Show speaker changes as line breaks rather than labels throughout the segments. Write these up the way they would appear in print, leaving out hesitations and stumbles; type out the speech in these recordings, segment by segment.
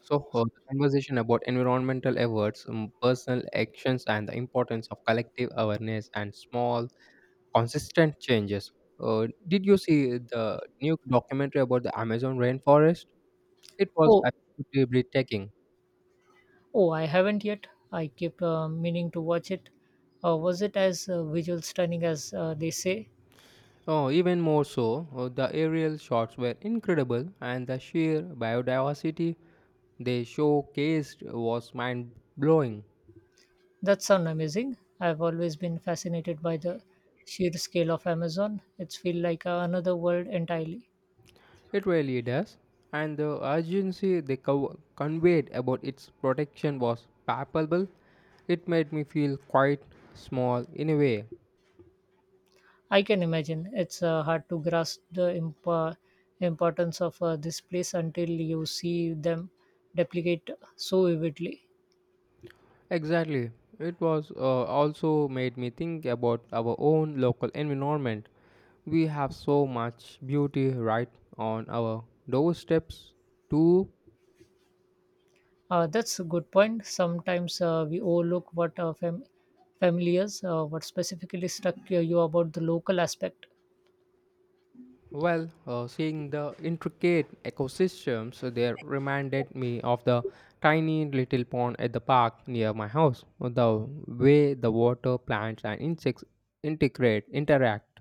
The conversation about environmental efforts, personal actions, and the importance of collective awareness and small, consistent changes. Did you see the new documentary about the Amazon rainforest? It was
Oh,
absolutely breathtaking.
oh, I haven't yet. I keep meaning to watch it. Was it as visual stunning as they say?
Oh, even more so, the aerial shots were incredible, and the sheer biodiversity they showcased was mind blowing.
That sounds amazing. I've always been fascinated by the sheer scale of Amazon. It's feel like another world entirely.
It really does. And the urgency they conveyed about its protection was palpable. It made me feel quite small in a way.
I can imagine. It's hard to grasp the importance of this place until you see them duplicate so vividly.
Exactly. It was also made me think about our own local environment. We have so much beauty right on our doorsteps, too.
That's a good point. Sometimes we overlook what family is, what specifically struck you about the local aspect.
Well, seeing the intricate ecosystems there reminded me of the tiny little pond at the park near my house. The way the water, plants, and insects interact.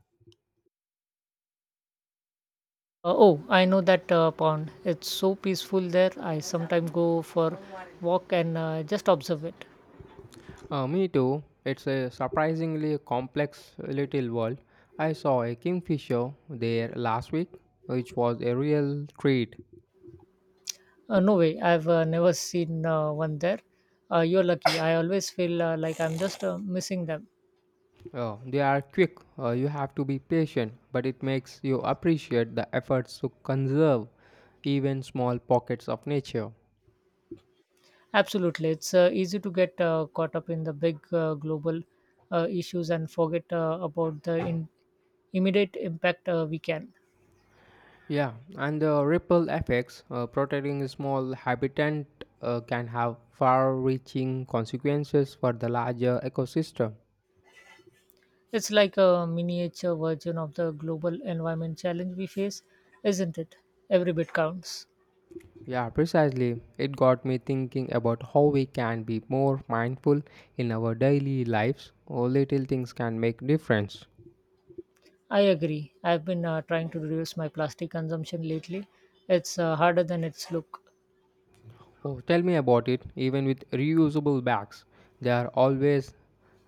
Oh, I know that pond. It's so peaceful there. I sometimes go for walk and just observe it.
Me too. It's a surprisingly complex little world. I saw a kingfisher there last week, which was a real treat.
No way, I've never seen one there. You're lucky. I always feel like I'm just missing them.
Oh, they are quick. You have to be patient, but it makes you appreciate the efforts to conserve even small pockets of nature.
Absolutely. It's easy to get caught up in the big global issues and forget about the immediate impact we can.
Yeah, and the ripple effects protecting small habitat can have far-reaching consequences for the larger ecosystem.
It's like a miniature version of the global environment challenge we face, isn't it? Every bit counts.
Yeah, precisely. It got me thinking about how we can be more mindful in our daily lives. Oh, little things can make difference.
I agree. I've been trying to reduce my plastic consumption lately. It's harder than it's look.
Oh, tell me about it. Even with reusable bags, they are always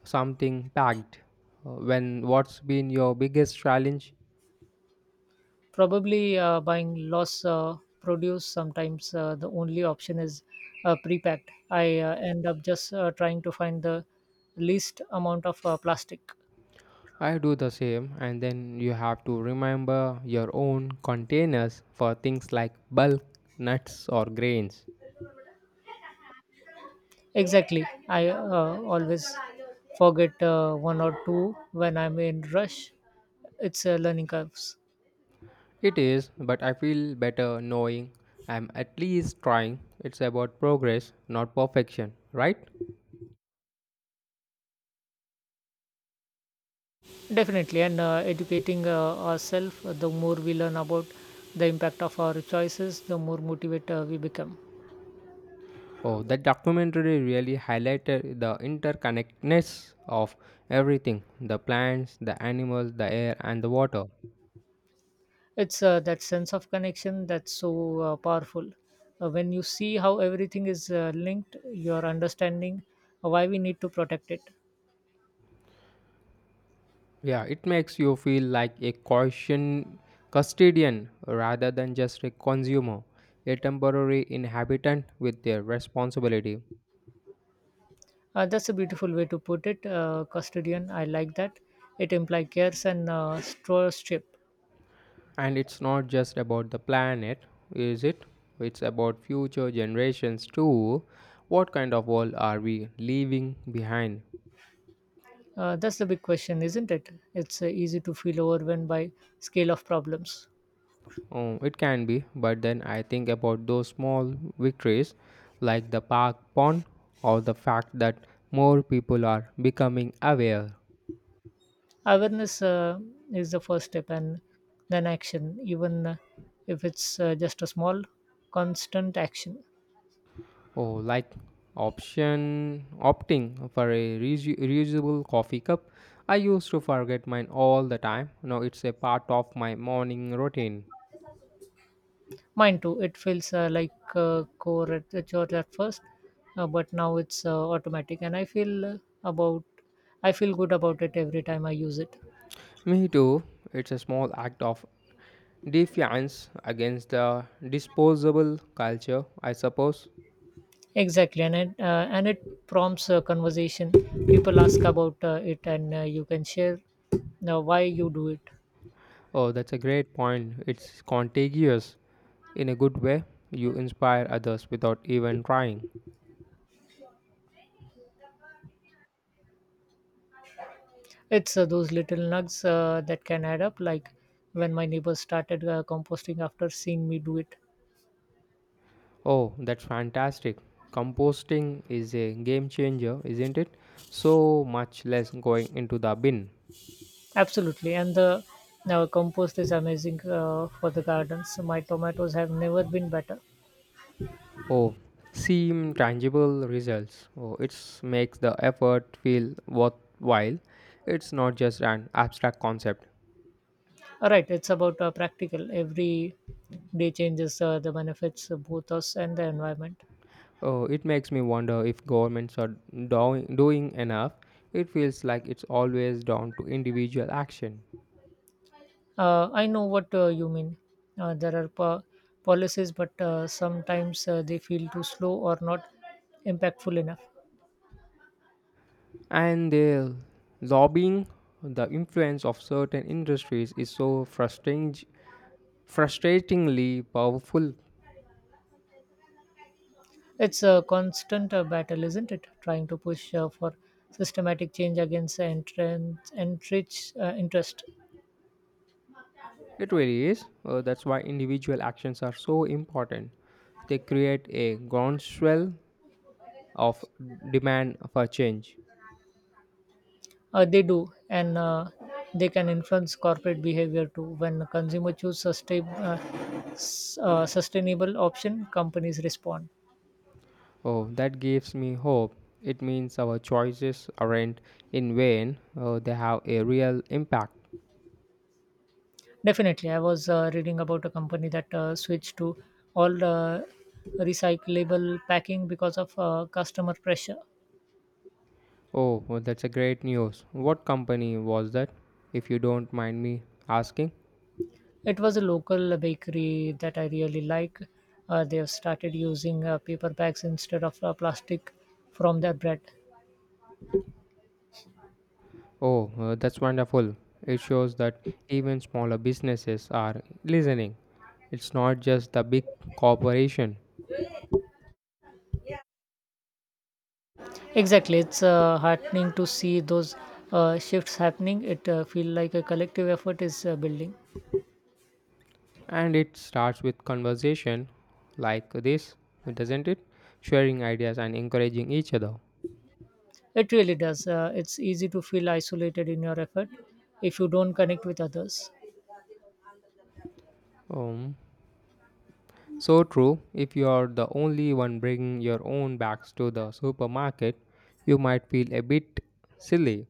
something packed. When what's been your biggest challenge?
Probably buying loss produce sometimes the only option is pre-packed. I end up just trying to find the least amount of plastic.
I do the same, and then you have to remember your own containers for things like bulk nuts or grains.
Exactly. I always forget one or two when I'm in rush. It's learning curves.
It is, but I feel better knowing I'm at least trying. It's about progress, not perfection, right?
Definitely, and educating ourselves, the more we learn about the impact of our choices, the more motivated we become.
Oh, that documentary really highlighted the interconnectedness of everything, the plants, the animals, the air, and the water.
It's that sense of connection that's so powerful. When you see how everything is linked, your understanding why we need to protect it.
Yeah, it makes you feel like a caution custodian rather than just a consumer, a temporary inhabitant with their responsibility.
That's a beautiful way to put it, custodian. I like that. It implies cares and stewardship.
And it's not just about the planet, is it? It's about future generations too. What kind of world are we leaving behind?
That's the big question, isn't it? It's easy to feel overwhelmed by scale of problems.
Oh, it can be, but then I think about those small victories like the park pond or the fact that more people are becoming aware.
Awareness is the first step, and then action, even if it's just a small, constant action.
Oh, like option opting for a reusable coffee cup. I used to forget mine all the time. Now it's a part of my morning routine.
Mine too. It feels like core at the church at first, but now it's automatic, and about I feel good about it every time I use it.
Me too. It's a small act of defiance against the disposable culture, I suppose.
Exactly, and it prompts a conversation. People ask about it, and you can share why you do it.
Oh, that's a great point. It's contagious. In a good way, you inspire others without even trying.
It's those little nugs that can add up, like when my neighbors started composting after seeing me do it.
Oh, that's fantastic. Composting is a game changer, isn't it? So much less going into the bin.
Absolutely, and the now compost is amazing for the gardens. My tomatoes have never been better.
Oh, seeing tangible results. Oh, it makes the effort feel worthwhile. It's not just an abstract concept.
All right, it's about practical. Every day changes the benefits of both us and the environment.
Oh, it makes me wonder if governments are doing enough. It feels like it's always down to individual action.
I know what you mean. Uh, there are po- Policies, but sometimes they feel too slow or not impactful enough.
And the lobbying, the influence of certain industries is so frustratingly powerful.
It's a constant battle, isn't it? Trying to push for systematic change against entrenched interest.
It really is. That's why individual actions are so important. They create a groundswell of demand for change.
They do, and they can influence corporate behavior too. When consumer choose sustainable option, companies respond.
Oh, that gives me hope. It means our choices aren't in vain, they have a real impact.
Definitely, I was reading about a company that switched to all recyclable packing because of customer pressure.
Oh, well, that's a great news. What company was that, if you don't mind me asking?
It was a local bakery that I really like. They have started using paper bags instead of plastic from their bread.
Oh, that's wonderful. It shows that even smaller businesses are listening. It's not just the big corporation.
Exactly, it's heartening to see those shifts happening. It feel like a collective effort is building.
And it starts with conversation like this, doesn't it? Sharing ideas and encouraging each other.
It really does. It's easy to feel isolated in your effort if you don't connect with others.
Um, so true. If you are the only one bringing your own bags to the supermarket, you might feel a bit silly.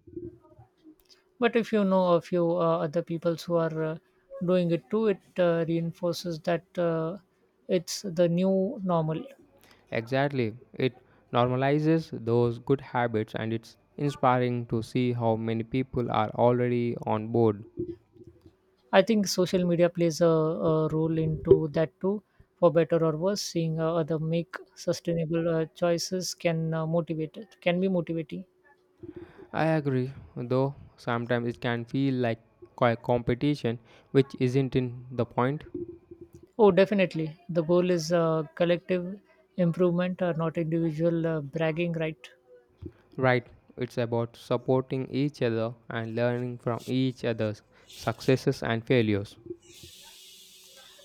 But if you know a few other people who are doing it too, it reinforces that it's the new normal.
Exactly. It normalizes those good habits and it's inspiring to see how many people are already on board.
I think social media plays a role into that too, for better or worse. Seeing other make sustainable choices can be motivating.
I agree, though sometimes it can feel like competition, which isn't in the point.
Oh, definitely. The goal is collective improvement, not individual bragging, right?
Right, it's about supporting each other and learning from each other's successes and failures.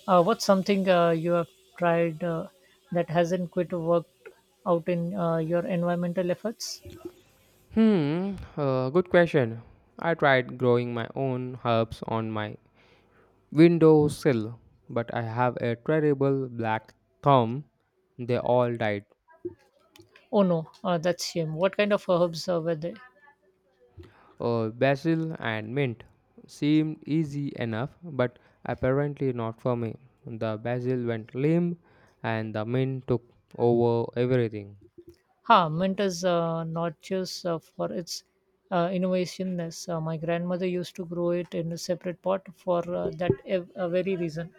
What's something you have tried that hasn't quite worked out in your environmental efforts?
Hmm, good question. I tried growing my own herbs on my windowsill, but I have a terrible black thumb. They all died.
Oh no, that's shame. What kind of herbs were they?
Basil and mint seemed easy enough, but apparently not for me. The basil went limp, and the mint took over everything.
Ha, mint is not just for its innovativeness. My grandmother used to grow it in a separate pot for very reason.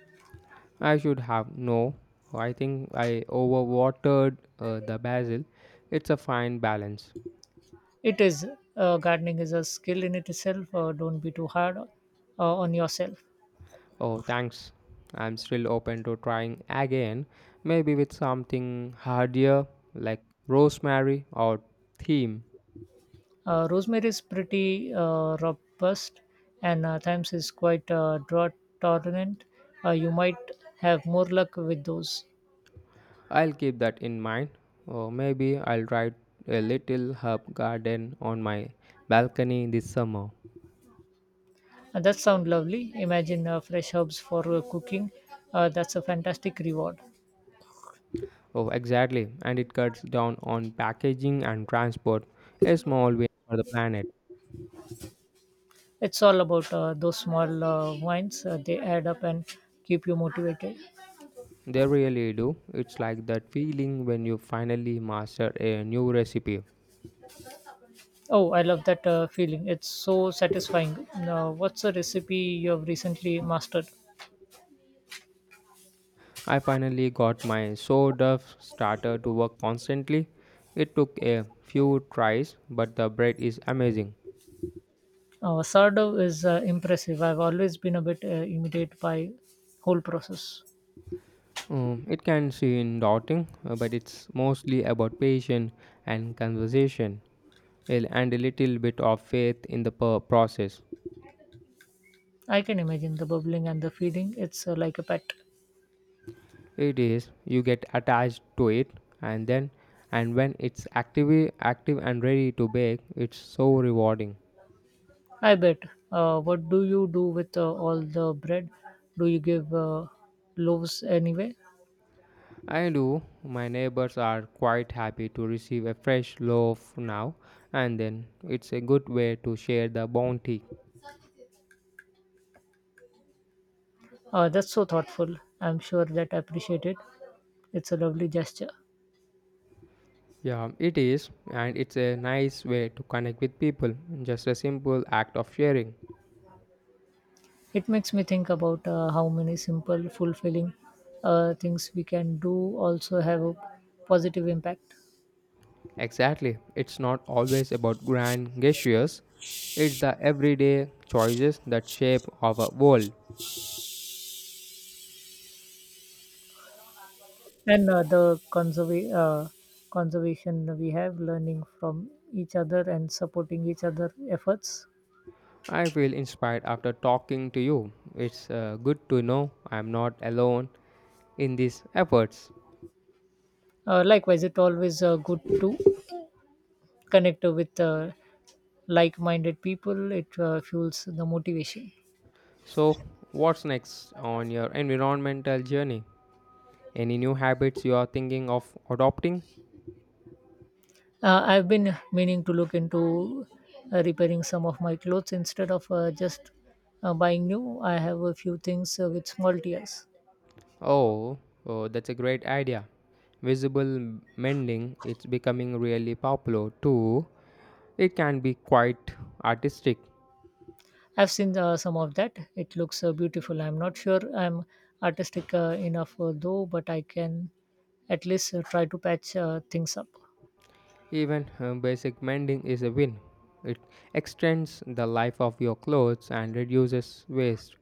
I should have no. I think I overwatered the basil. It's a fine balance.
It is gardening is a skill in itself. Don't be too hard on yourself.
Oh, thanks. I'm still open to trying again, maybe with something hardier like rosemary or thyme.
Rosemary is pretty robust, and thymes is quite drought tolerant. You might have more luck with those.
I'll keep that in mind. Or maybe I'll try a little herb garden on my balcony this summer.
That sounds lovely. Imagine fresh herbs for cooking. That's a fantastic reward.
Oh, exactly. And it cuts down on packaging and transport. A small win for the planet.
It's all about those small wins. They add up and keep you motivated.
They really do. It's like that feeling when you finally master a new recipe.
Oh, I love that feeling. It's so satisfying. Now, what's a recipe you have recently mastered?
I finally got my sawdust starter to work constantly. It took a few tries, but the bread is amazing.
Sourdough is impressive. I've always been a bit intimidated by whole process.
It can seem daunting, but it's mostly about patience and conversation, well, and a little bit of faith in the process.
I can imagine the bubbling and the feeling. It's like a pet.
It is, you get attached to it, and then and when it's active and ready to bake, it's so rewarding.
I bet. What do you do with all the bread? Do you give loaves anyway?
I do. My neighbors are quite happy to receive a fresh loaf now and then. It's a good way to share the bounty.
Oh, that's so thoughtful. I'm sure that I appreciate it. It's a lovely gesture.
Yeah, it is, and it's a nice way to connect with people. Just a simple act of sharing.
It makes me think about how many simple, fulfilling things we can do also have a positive impact.
Exactly. It's not always about grand gestures, it's the everyday choices that shape our world.
And conservation we have, learning from each other and supporting each other efforts.
I feel inspired after talking to you. It's good to know I'm not alone in these efforts.
Likewise, it's always good to connect with like-minded people. It fuels the motivation.
So, what's next on your environmental journey? Any new habits you are thinking of adopting?
I've been meaning to look into repairing some of my clothes instead of just buying new. I have a few things with small tears.
Oh, oh, that's a great idea. Visible mending it's becoming really popular too. It can be quite artistic.
I've seen some of that. It looks beautiful. I'm not sure I'm artistic enough though, but I can at least try to patch things up.
Even basic mending is a win. It extends the life of your clothes and reduces waste.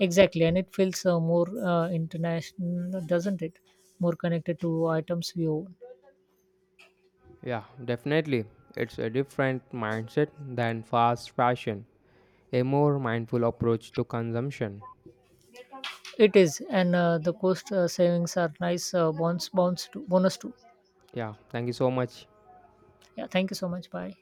Exactly, and it feels more international, doesn't it? More connected to items we own.
Yeah, definitely. It's a different mindset than fast fashion, a more mindful approach to consumption.
It is, and the cost savings are nice bonus, bonus too.
Yeah, thank you so much.
Yeah, thank you so much. Bye.